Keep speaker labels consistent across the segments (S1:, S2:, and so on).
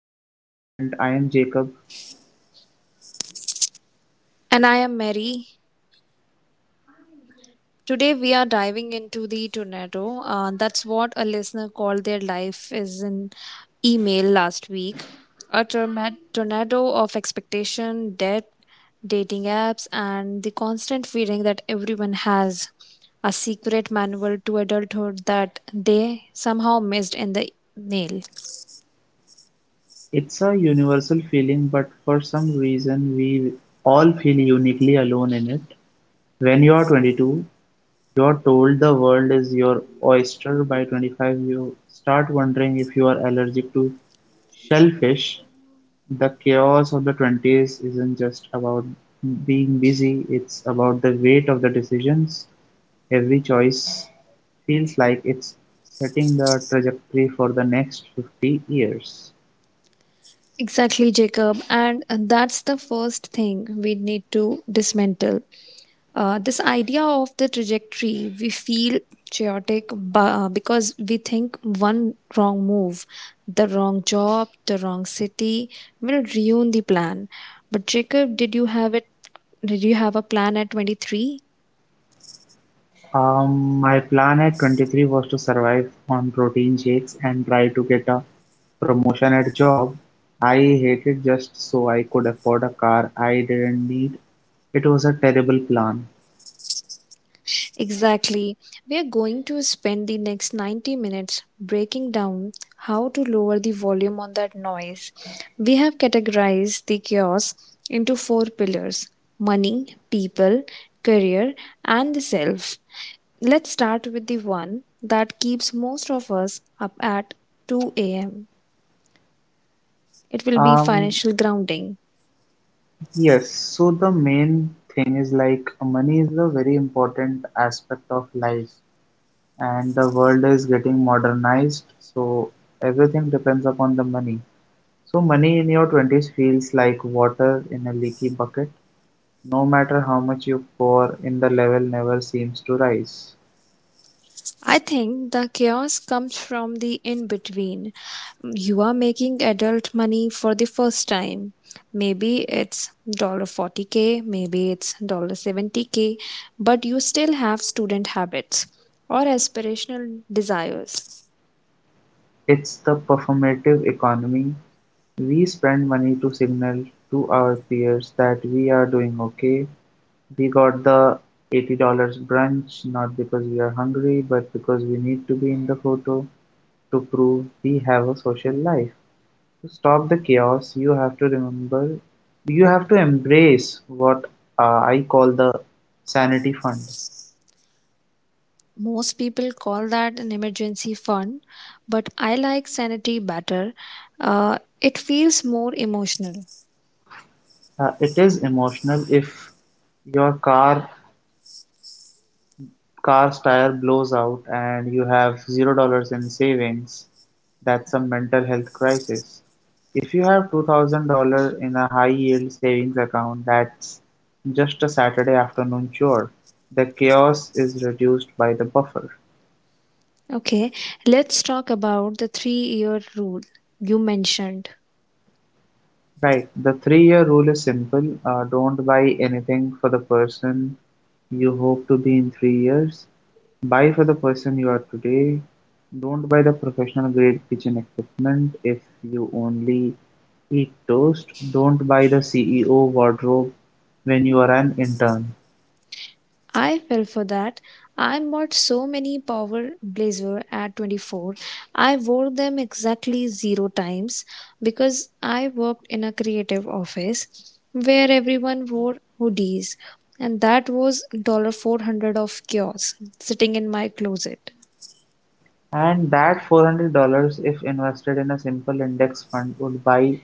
S1: Decade Blueprint. I am Jacob.
S2: And I am Mary. Today we are diving into the tornado. That's what a listener called their life is in email last week. A tornado of expectation, debt, dating apps, and the constant feeling that everyone has a secret manual to adulthood that they somehow missed in the mail.
S1: It's a universal feeling, but for some reason, we all feel uniquely alone in it. When you are 22, you are told the world is your oyster. By 25, you start wondering if you are allergic to shellfish. The chaos of the 20s isn't just about being busy, it's about the weight of the decisions. Every choice feels like it's setting the trajectory for the next 50 years.
S2: Exactly, Jacob. And that's the first thing we need to dismantle. This idea of the trajectory, we feel chaotic because we think one wrong move, the wrong job, the wrong city will ruin the plan. But Jacob, did you have it? Did you have a plan at 23?
S1: My plan at 23 was to survive on protein shakes and try to get a promotion at job I hated just so I could afford a car I didn't need. It was a terrible plan.
S2: Exactly. We are going to spend the next 90 minutes breaking down how to lower the volume on that noise. We have categorized the chaos into four pillars: money, people, career, and the self. Let's start with the one that keeps most of us up at 2 a.m. It will be
S1: Um,
S2: financial grounding.
S1: yes, so the main thing is like money is a very important aspect of life. And the world is getting modernized, so everything depends upon the money. So money in your 20s feels like water in a leaky bucket. No matter how much you pour in, the level never seems to rise.
S2: I think the chaos comes from the in between. You are making adult money for the first time. Maybe it's 40K, maybe it's 70K, but you still have student habits or aspirational desires.
S1: It's the performative economy. We spend money to signal to our peers that we are doing okay. We got the $80 brunch, not because we are hungry, but because we need to be in the photo to prove we have a social life. To stop the chaos, you have to remember, you have to embrace what I call the sanity fund.
S2: Most people call that an emergency fund, but I like sanity better. It feels more emotional.
S1: It is emotional if your car's tire blows out and you have $0 in savings. That's a mental health crisis. If you have $2,000 in a high yield savings account, that's just a Saturday afternoon chore. The chaos is reduced by the buffer.
S2: Okay, let's talk about the 3-year rule you mentioned.
S1: Right. The three-year rule is simple. Don't buy anything for the person you hope to be in 3 years. Buy for the person you are today. Don't buy the professional grade kitchen equipment if you only eat toast. Don't buy the CEO wardrobe when you are an intern.
S2: I fell for that. I bought so many power blazer at 24. I wore them exactly zero times because I worked in a creative office where everyone wore hoodies, and that was $400 of chaos sitting in my closet.
S1: And that $400, if invested in a simple index fund, would buy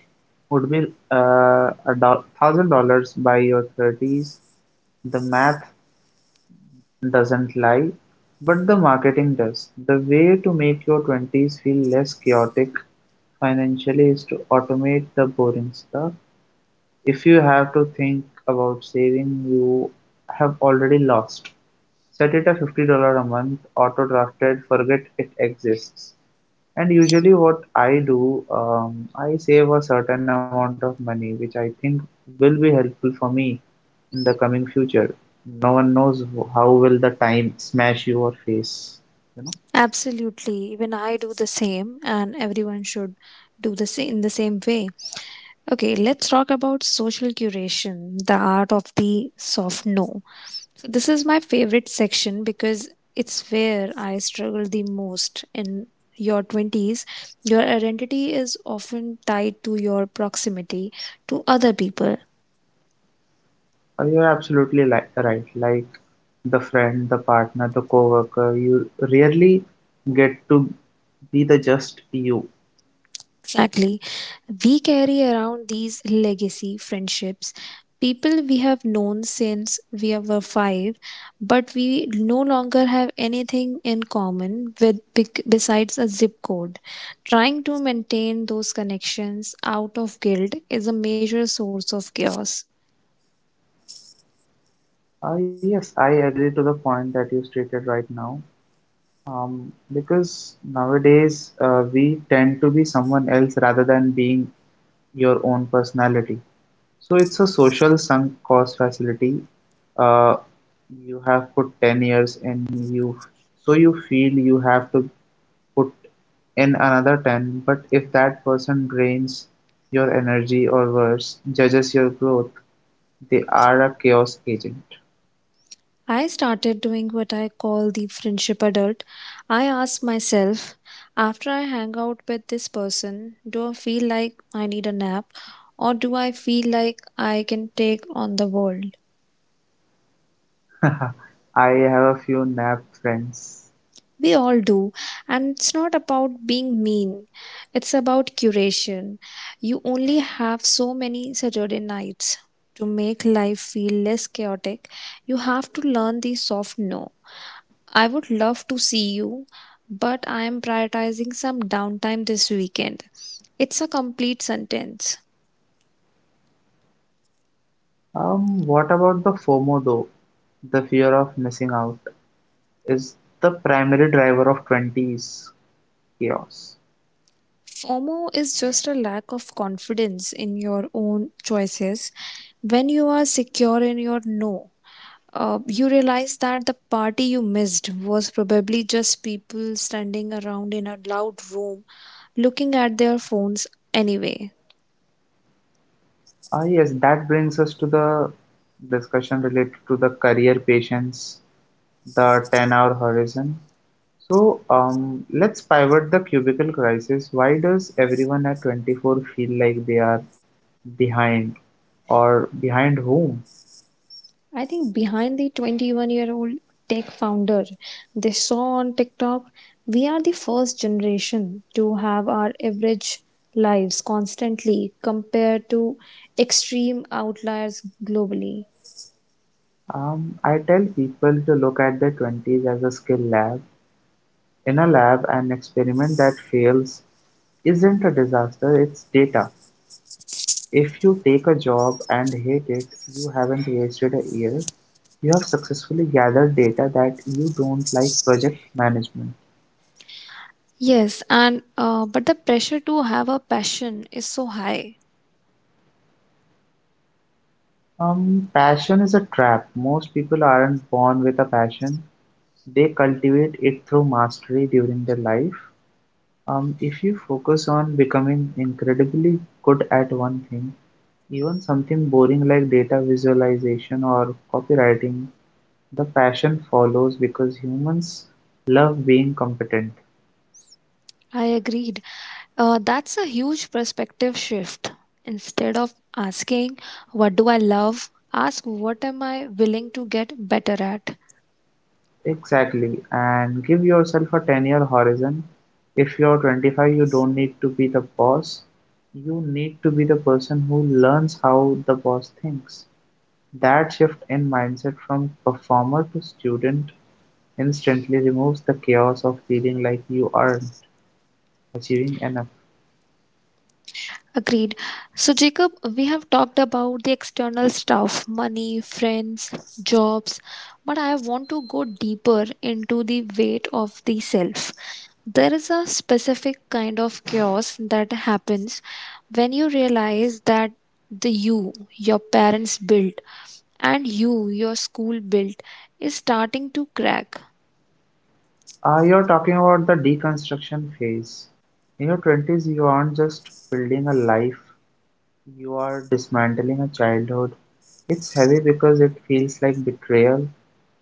S1: would be uh, $1,000 by your 30s. The math doesn't lie, but the marketing does. The way to make your 20s feel less chaotic financially is to automate the boring stuff. If you have to think about saving, you have already lost. Set it at $50 a month auto drafted, forget it exists. And usually, what I do, I save a certain amount of money, which I think will be helpful for me in the coming future. No one knows how will the time smash you or face. You know,
S2: Absolutely. Even I do the same and everyone should do the same in the same way. Okay, let's talk about social curation, the art of the soft no. So this is my favorite section because it's where I struggle the most in your 20s. Your identity is often tied to your proximity to other people.
S1: You're absolutely li right. Like the friend, the partner, the coworker, you rarely get to be the just you.
S2: Exactly. We carry around these legacy friendships, people we have known since we were five, but we no longer have anything in common with besides a zip code. Trying to maintain those connections out of guilt is a major source of chaos.
S1: Yes, I agree to the point that you stated right now. Because nowadays we tend to be someone else rather than being your own personality. So it's a social sunk cost facility. Uh, you have put 10 years and so you feel you have to put in another 10, but if that person drains your energy or worse, judges your growth, they are a chaos agent.
S2: I started doing what I call the friendship adult. I ask myself, after I hang out with this person, do I feel like I need a nap or do I feel like I can take on the world?
S1: I have a few nap friends.
S2: We all do, and it's not about being mean, it's about curation. You only have so many Saturday nights. To make life feel less chaotic, you have to learn the soft no. I would love to see you, but I am prioritizing some downtime this weekend. It's a complete sentence.
S1: What about the FOMO though? The fear of missing out is the primary driver of 20s chaos.
S2: FOMO is just a lack of confidence in your own choices. When you are secure in your no, you realize that the party you missed was probably just people standing around in a loud room looking at their phones anyway.
S1: Ah, yes, that brings us to the discussion related to the career patience, the 10-hour horizon. So, let's pivot the cubicle crisis. Why does everyone at 24 feel like they are behind, or behind whom?
S2: I think behind the 21-year-old tech founder they saw on TikTok, we are the first generation to have our average lives constantly compared to extreme outliers globally.
S1: I tell people to look at their 20s as a skill lab. In a lab, an experiment that fails isn't a disaster, it's data. If you take a job and hate it, you haven't wasted a year. You have successfully gathered data that you don't like project management.
S2: Yes, and but the pressure to have a passion is so high.
S1: Passion is a trap. Most people aren't born with a passion. They cultivate it through mastery during their life. If you focus on becoming incredibly good at one thing, even something boring like data visualization or copywriting, the passion follows because humans love being competent.
S2: I agreed. That's a huge perspective shift. Instead of asking, what do I love? Ask, what am I willing to get better at?
S1: Exactly. And give yourself a 10-year horizon. If you're 25, you don't need to be the boss. You need to be the person who learns how the boss thinks. That shift in mindset from performer to student instantly removes the chaos of feeling like you aren't achieving enough.
S2: Agreed. So, Jacob, we have talked about the external stuff money, friends, jobs, but I want to go deeper into the weight of the self. There is a specific kind of chaos that happens when you realize that the you your parents built and you your school built is starting to crack.
S1: You're talking about the deconstruction phase. In your 20s, you aren't just building a life, you are dismantling a childhood. It's heavy because it feels like betrayal.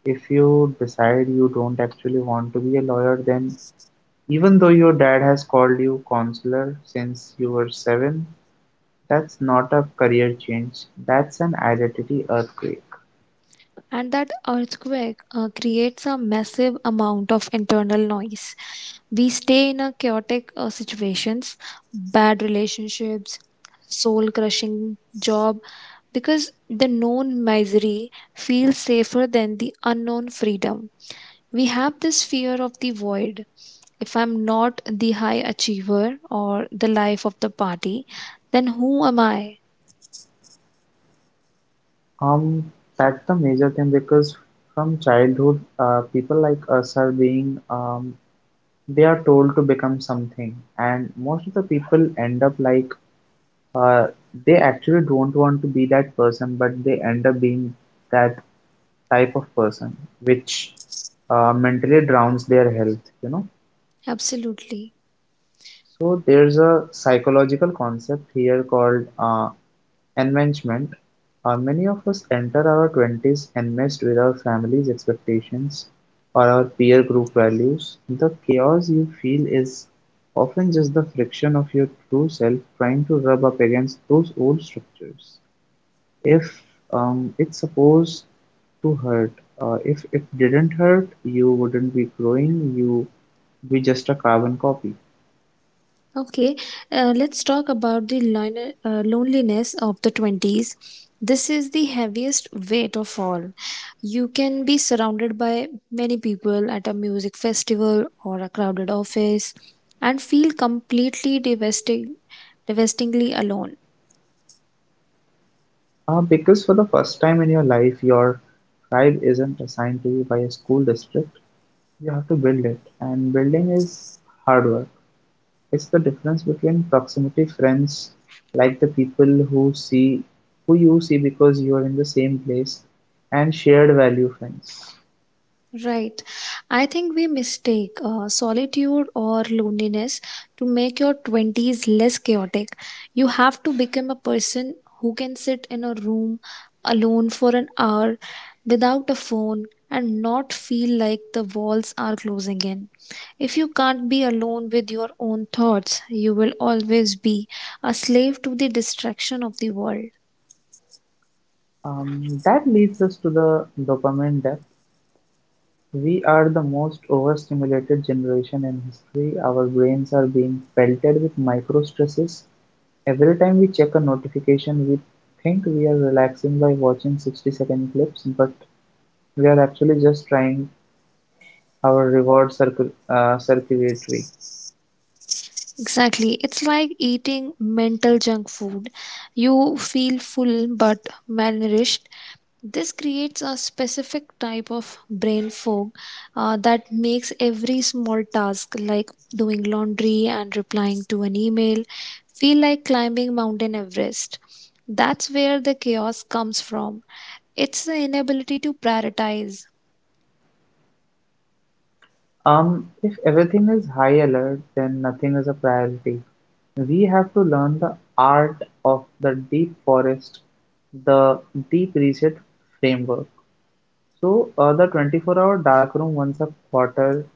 S1: If you decide you don't actually want to be a lawyer, then even though your dad has called you counselor since you were 7, that's not a career change, that's an identity earthquake.
S2: And that earthquake creates a massive amount of internal noise. We stay in a chaotic situations, bad relationships, soul crushing job, because the known misery feels safer than the unknown freedom. We have this fear of the void. If I'm not the high achiever or the life of the party, then who am I?
S1: Um, that's the major thing because from childhood, people like us are being They are told to become something, and most of the people end up like uh, they actually don't want to be that person, but they end up being that type of person, which mentally drowns their health.
S2: Absolutely.
S1: So there's a psychological concept here called enmeshment. Many of us enter our 20s enmeshed with our family's expectations or our peer group values. The chaos you feel is often just the friction of your true self trying to rub up against those old structures. If It's supposed to hurt. If it didn't hurt, you wouldn't be growing, you be just a carbon copy.
S2: Okay, let's talk about the loneliness of the 20s. This is the heaviest weight of all. You can be surrounded by many people at a music festival or a crowded office and feel completely devastatingly alone.
S1: Because for the first time in your life, your tribe isn't assigned to you by a school district. You have to build it, and building is hard work. It's the difference between proximity friends, like the people who see who you see because you are in the same place, and shared value friends.
S2: Right. I think we mistake solitude or loneliness to make your 20s less chaotic. You have to become a person who can sit in a room alone for an hour without a phone and not feel like the walls are closing in. If you can't be alone with your own thoughts, you will always be a slave to the distraction of the world.
S1: That leads us to the dopamine depth. We are the most overstimulated generation in history. Our brains are being pelted with micro stresses. Every time we check a notification, we think we are relaxing by watching 60-second clips, but we are actually just trying our reward circuitry.
S2: Exactly. It's like eating mental junk food. You feel full but malnourished. This creates a specific type of brain fog that makes every small task, like doing laundry and replying to an email, feel like climbing Mountain Everest. That's where the chaos comes from. It's the inability to prioritize.
S1: If everything is high alert, then nothing is a priority. We have to learn the art of the deep forest, the deep reset framework. So, the 24-hour dark room once a quarter,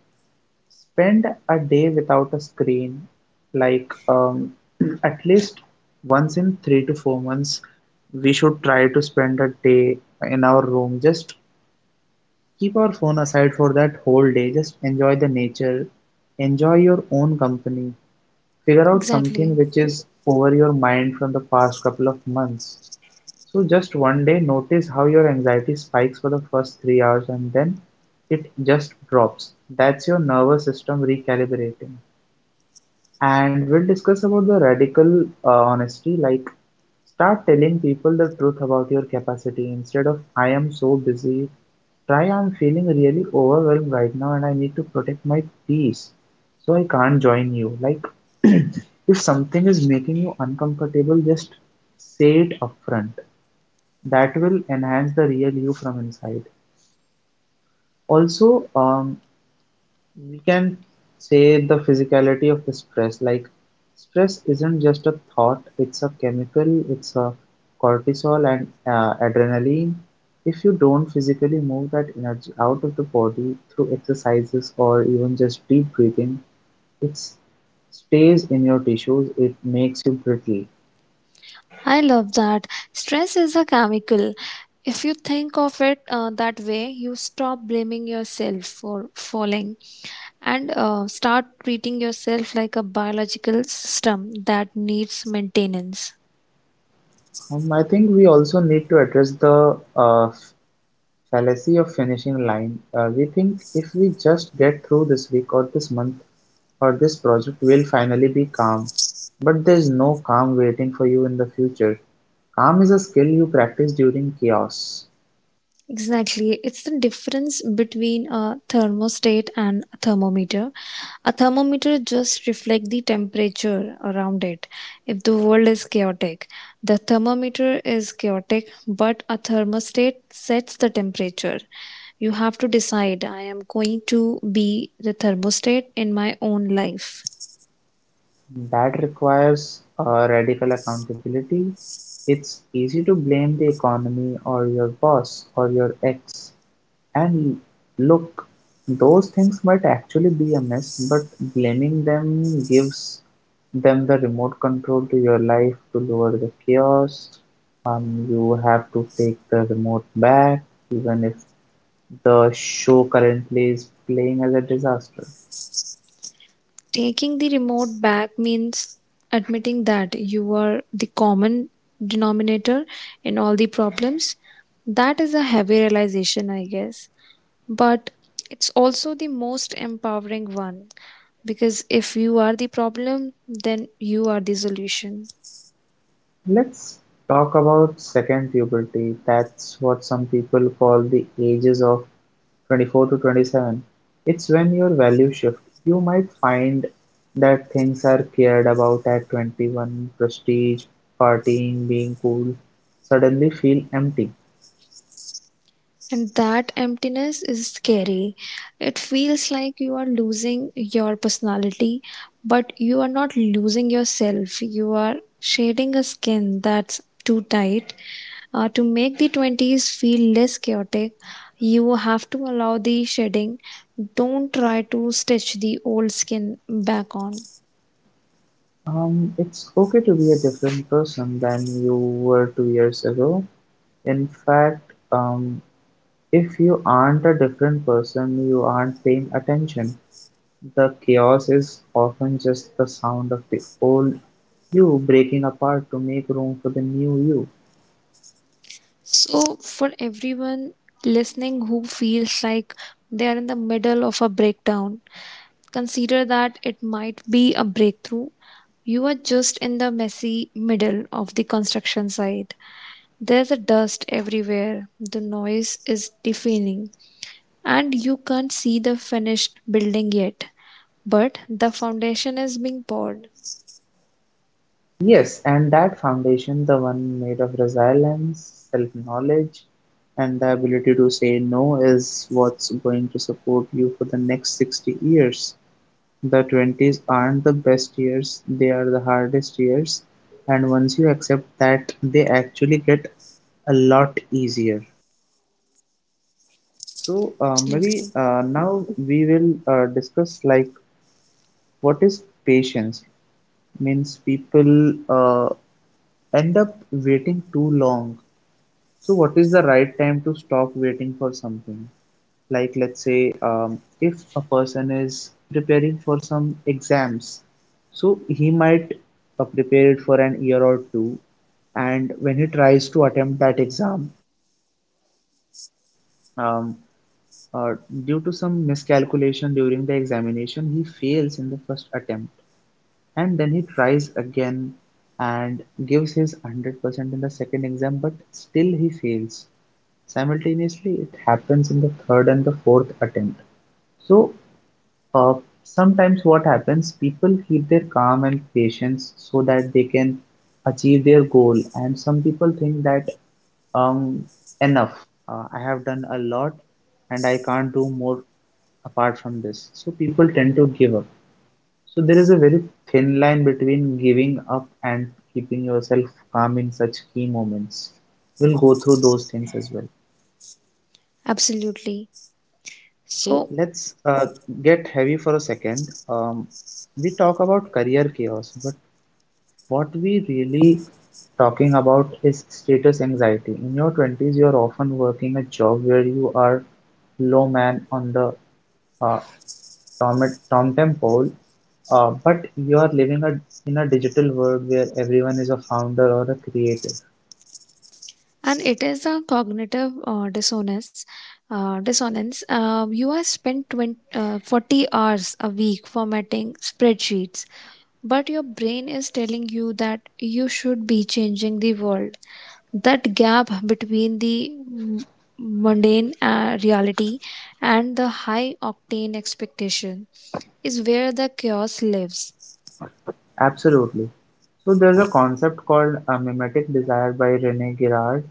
S1: spend a day without a screen, like at least once in 3 to 4 months we should try to spend a day in our room, just keep our phone aside for that whole day, just enjoy the nature, enjoy your own company, figure out something
S2: Exactly.
S1: which is over your mind from the past couple of months. So just one day, notice how your anxiety spikes for the first 3 hours and then it just drops. That's your nervous system recalibrating. And we'll discuss about the radical honesty. Like, start telling people the truth about your capacity instead of I am so busy. Try, I'm feeling really overwhelmed right now and I need to protect my peace, so I can't join you. Like if something is making you uncomfortable, just say it upfront. That will enhance the real you from inside. Also, we can say the physicality of the stress. Like, stress isn't just a thought, it's a chemical. It's a cortisol and adrenaline. If you don't physically move that energy out of the body through exercises or even just deep breathing, it stays in your tissues. It makes you brittle.
S2: I love that. Stress is a chemical. If you think of it that way, you stop blaming yourself for falling and start treating yourself like a biological system that needs maintenance.
S1: I think we also need to address the fallacy of finishing line. We think if we just get through this week or this month, or this project will finally be calm. But there's no calm waiting for you in the future. Calm is a skill you practice during chaos.
S2: Exactly. It's the difference between a thermostat and a thermometer. A thermometer just reflects the temperature around it. If the world is chaotic, the thermometer is chaotic, but a thermostat sets the temperature. You have to decide I am going to be the thermostat in my own life.
S1: That requires radical accountability. It's easy to blame the economy or your boss or your ex. And look, those things might actually be amiss, but blaming them gives them the remote control to your life to lower the chaos. You have to take the remote back, even if the show currently is playing as a disaster.
S2: Taking the remote back means admitting that you are the common denominator in all the problems. That is a heavy realization, I guess. But it's also the most empowering one because if you are the problem, then you are the solution.
S1: Let's talk about second puberty. That's what some people call the ages of 24 to 27. It's when your value shift, you might find that things are cared about at 21: prestige, partying, being cool, suddenly feel empty.
S2: And that emptiness is scary. It feels like you are losing your personality, but you are not losing yourself. You are shading a skin that's too tight. To make the 20s feel less chaotic, you have to allow the shedding. Don't try to stitch the old skin back on.
S1: It's okay to be a different person than you were 2 years ago. In fact, if you aren't a different person, you aren't paying attention. The chaos is often just the sound of the old you breaking apart to make room for the new you.
S2: So, for everyone listening who feels like they are in the middle of a breakdown, consider that it might be a breakthrough. You are just in the messy middle of the construction site. There's a dust everywhere, the noise is deafening, and you can't see the finished building yet. But the foundation is being poured.
S1: Yes, and that foundation, the one made of resilience, self knowledge, and the ability to say no, is what's going to support you for the next 60 years. The 20s aren't the best years, they are the hardest years, and once you accept that, they actually get a lot easier. So, maybe
S2: Absolutely.
S1: Now we will discuss like what is patience. Means people end up waiting too long. So, what is the right time to stop waiting for something? Like, let's say, if a person is preparing for some exams, so he might prepare it for an year or two, and when he tries to attempt that exam, um, uh, due to some miscalculation during the examination, he fails in the first attempt, and then he tries again and gives his 100% in the second exam, but still he fails. Simultaneously it happens in the third and the fourth attempt. so uh, Sometimes what happens, people keep their calm and patience so that they can achieve their goal, and some people think that um enough, I have done a lot and I can't do more apart from this, so people tend to give up. So there is a very thin line between giving up and keeping yourself calm in such key moments. We'll go through those things as well.
S2: Absolutely.
S1: So
S2: So,
S1: let's get heavy for a second. We talk about career chaos, but what we really talking about is status anxiety. In your 20s, you're often working a job where you are low man on the uh, tom, tom pole, but you are living in a digital world where everyone is a founder or a creator.
S2: and it is a cognitive dissonance. You are spent 40 hours a week formatting spreadsheets, but your brain is telling you that you should be changing the world. That gap between the mundane reality and the high octane expectation is where the chaos lives.
S1: Absolutely. So there's a concept called mimetic desire by Rene Girard.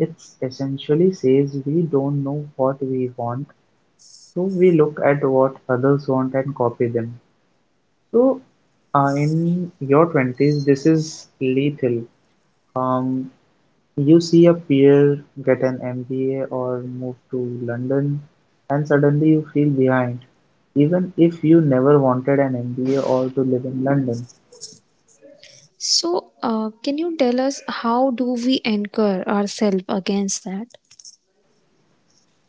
S1: It essentially says we don't know what we want, so we look at what others want and copy them. So, in your 20s, this is lethal. Um, you see a peer get an MBA or move to London, and suddenly you feel behind, even if you never wanted an MBA or to live in London.
S2: So can you tell us how do we anchor ourselves against that?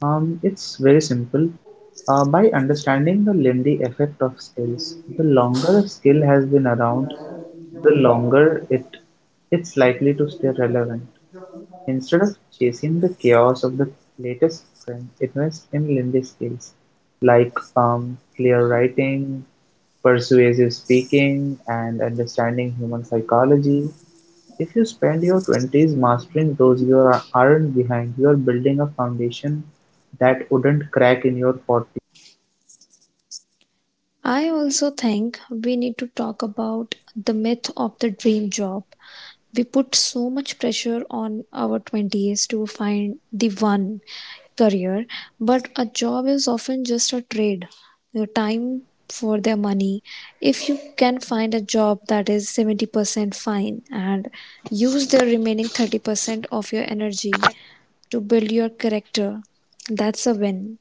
S1: It's very simple. By understanding the Lindy effect of skills, the longer a skill has been around, the longer it's likely to stay relevant. Instead of chasing the chaos of the latest trend, invest in lindy skills like clear writing, persuasive speaking, and understanding human psychology. If you spend your 20s mastering those, aren't behind. You are building a foundation that wouldn't crack in your 40s.
S2: I also think we need to talk about the myth of the dream job. We put so much pressure on our 20s to find the one career, but a job is often just a trade, your time for their money. If you can find a job that is 70% fine and use the remaining 30% of your energy to build your character, that's a win.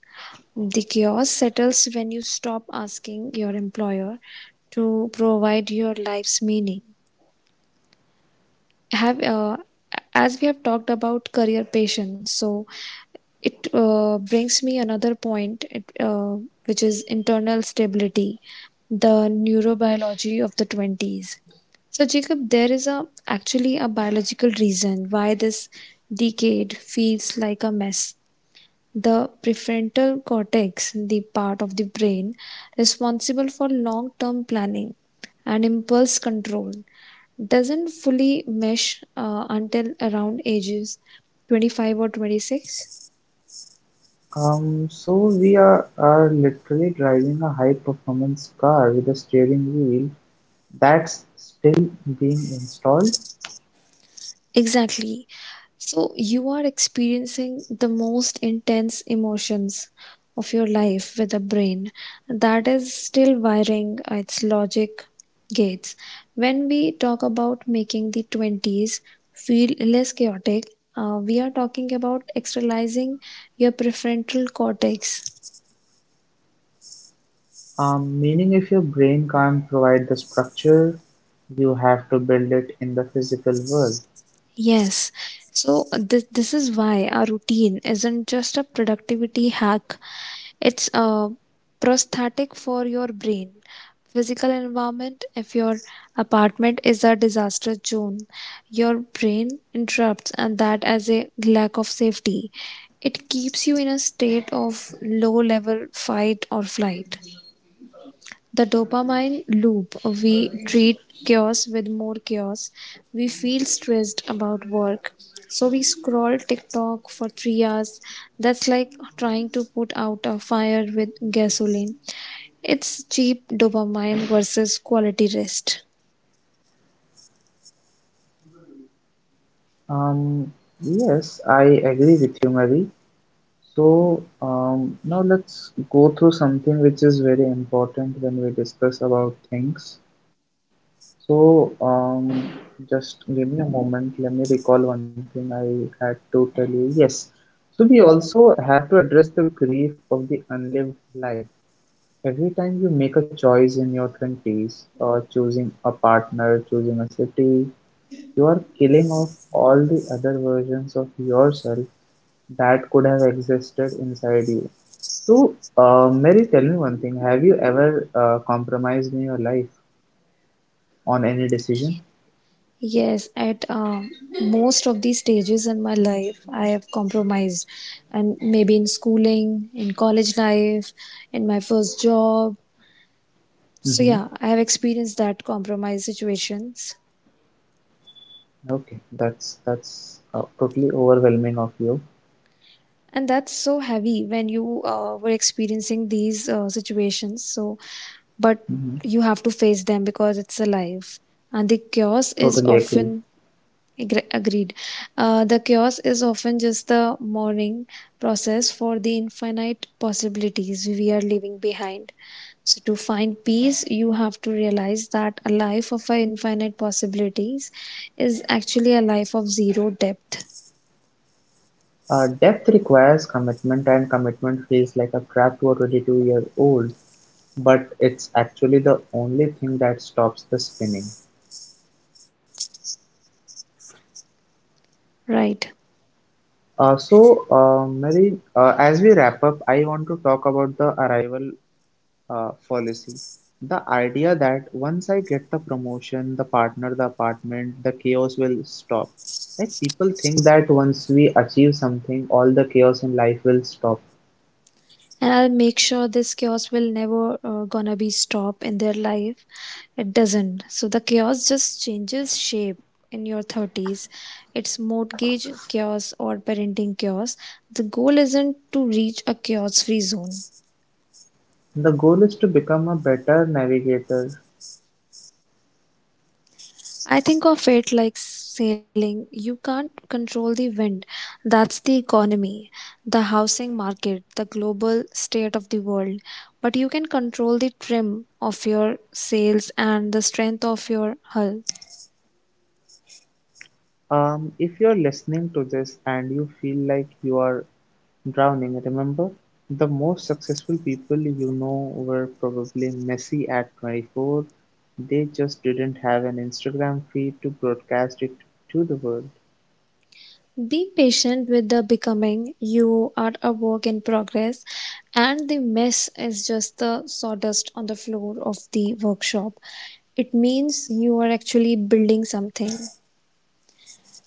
S2: The chaos settles when you stop asking your employer to provide your life's meaning. Have As we have talked about career passion, so it brings me another point, which is internal stability, the neurobiology of the 20s. So Jacob, there is a actually a biological reason why this decade feels like a mess. The prefrontal cortex, the part of the brain responsible for long term planning and impulse control, doesn't fully mesh until around ages 25 or 26.
S1: So are literally driving a high performance car with a steering wheel that's still being installed.
S2: Exactly. So you are experiencing the most intense emotions of your life with a brain that is still wiring its logic gates. When we talk about making the 20s feel less chaotic, we are talking about externalizing your prefrontal cortex.
S1: Meaning if your brain can't provide the structure, you have to build it in the physical world.
S2: Yes. So this is why our routine isn't just a productivity hack. It's a prosthetic for your brain. Physical environment, if your apartment is a disaster zone, your brain interrupts and that as a lack of safety. It keeps you in a state of low level fight or flight. The dopamine loop we treat chaos with more chaos. We feel stressed about work. So we scroll TikTok for 3 hours. That's like trying to put out a fire with gasoline. It's cheap dopamine versus quality rest.
S1: Um, yes, I agree with you, Mary. So now let's go through something which is very important when we discuss about things. So um, just give me a moment. Let me recall one thing I had to tell you. Yes. So we also have to address the grief of the unlived life. Every time you make a choice in your 20s, choosing a partner, choosing a city, you are killing off all the other versions of yourself that could have existed inside you. So, Mary, tell me one thing. Have you ever compromised in your life on any decision?
S2: Yes, at most of these stages in my life, I have compromised. And maybe in schooling, in college life, in my first job, so
S1: Mm-hmm.
S2: yeah, I have experienced that compromise situations,
S1: Okay, that's totally overwhelming of you.
S2: and that's so heavy when you were experiencing these situations. So, but
S1: Hmm.
S2: you have to face them because it's a life, and the chaos is
S1: Totally agree.
S2: often. Agreed. The chaos is often just the mourning process for the infinite possibilities we are leaving behind. So, to find peace, you have to realize that a life of infinite possibilities is actually a life of zero depth.
S1: Depth requires commitment, and commitment feels like a trap to a 22-year old, but it's actually the only thing that stops the spinning.
S2: Right.
S1: So, Mary, as we wrap up, I want to talk about the arrival fallacy. The idea that once I get the promotion, the partner, the apartment, the chaos will stop. Like people think that once we achieve something, all the chaos in life will stop.
S2: And I'll make sure this chaos will never gonna be stop in their life. It doesn't. So the chaos just changes shape in your 30s. It's mortgage chaos or parenting chaos. The goal isn't to reach a chaos free zone.
S1: The goal is to become a better navigator.
S2: I think of it like sailing. You can't control the wind. That's the economy, the housing market, the global state of the world. But you can control the trim of your sails and the strength of your hull.
S1: If you're listening to this and you feel like you are drowning, remember? The most successful people you know were probably messy at 24, they just didn't have an Instagram feed to broadcast it to the world.
S2: Be patient with the becoming. You are a work in progress, and the mess is just the sawdust on the floor of the workshop. It means you are actually building something.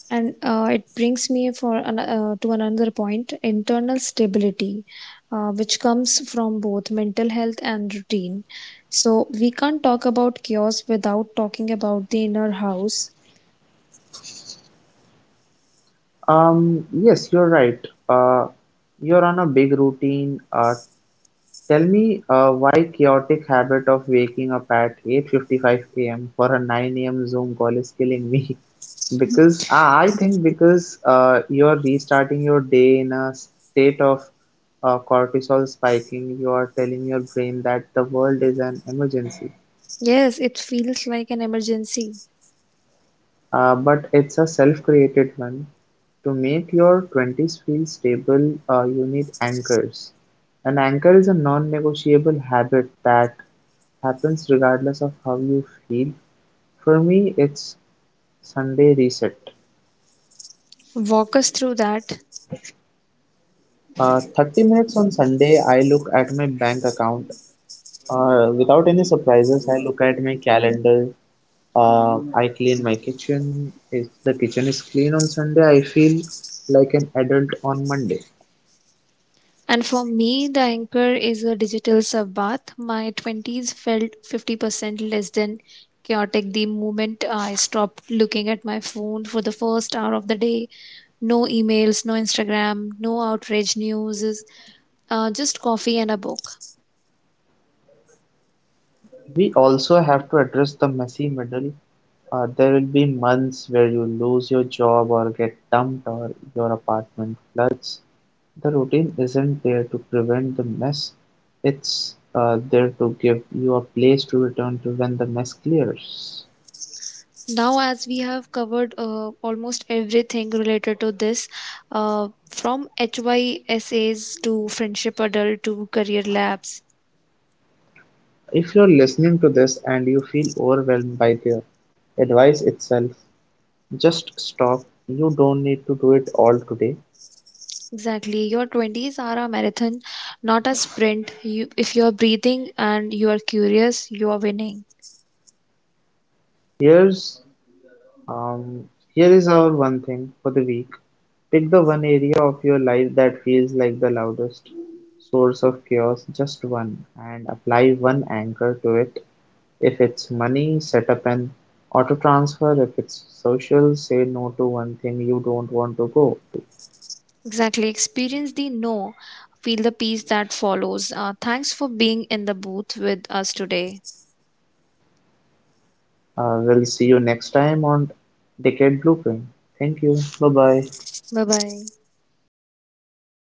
S2: And it brings me to another point, internal stability, which comes from both mental health and routine. So we can't talk about chaos without talking about the inner house.
S1: Yes, you're right. You're on a big routine. Tell me why chaotic habit of waking up at 8:55 a.m. for a 9 a.m. Zoom call is killing me. Because I think because you're restarting your day in a state of cortisol spiking, you are telling your brain that the world is an emergency.
S2: Yes, it feels like an emergency.
S1: But it's a self-created one. To make your 20s feel stable, you need anchors. An anchor is a non-negotiable habit that happens regardless of how you feel. For me, it's sunday reset.
S2: Walk us through that.
S1: 30 minutes on sunday I look at my bank account without any surprises. I look at my calendar, I clean my kitchen. If the kitchen is clean on sunday, I feel like an adult on monday.
S2: And for me, the anchor is a digital sub bath. My 20s felt 50% less than chaotic the moment I stopped looking at my phone for the first hour of the day. No emails, no Instagram, no outrage news, just coffee and a book.
S1: We also have to address the messy middle. There will be months where you lose your job or get dumped or your apartment floods. The routine isn't there to prevent the mess, it's there to give you a place to return to when the mess clears.
S2: Now, as we have covered almost everything related to this, from HYSAs to friendship adult to career labs.
S1: If you're listening to this and you feel overwhelmed by the advice itself, just stop. You don't need to do it all today.
S2: Exactly. Your 20s are a marathon, not a sprint. You, if you're breathing and you are curious, you are winning.
S1: Here's um, Here is our one thing for the week. Pick the one area of your life that feels like the loudest source of chaos, just one, and apply one anchor to it. If it's money, set up an auto transfer. If it's social, say no to one thing you don't want to go.
S2: Exactly. Experience the no, feel the peace that follows. Thanks for being in the booth with us today.
S1: We'll see you next time on Decade Blueprint. Thank you. Bye bye.
S2: Bye bye.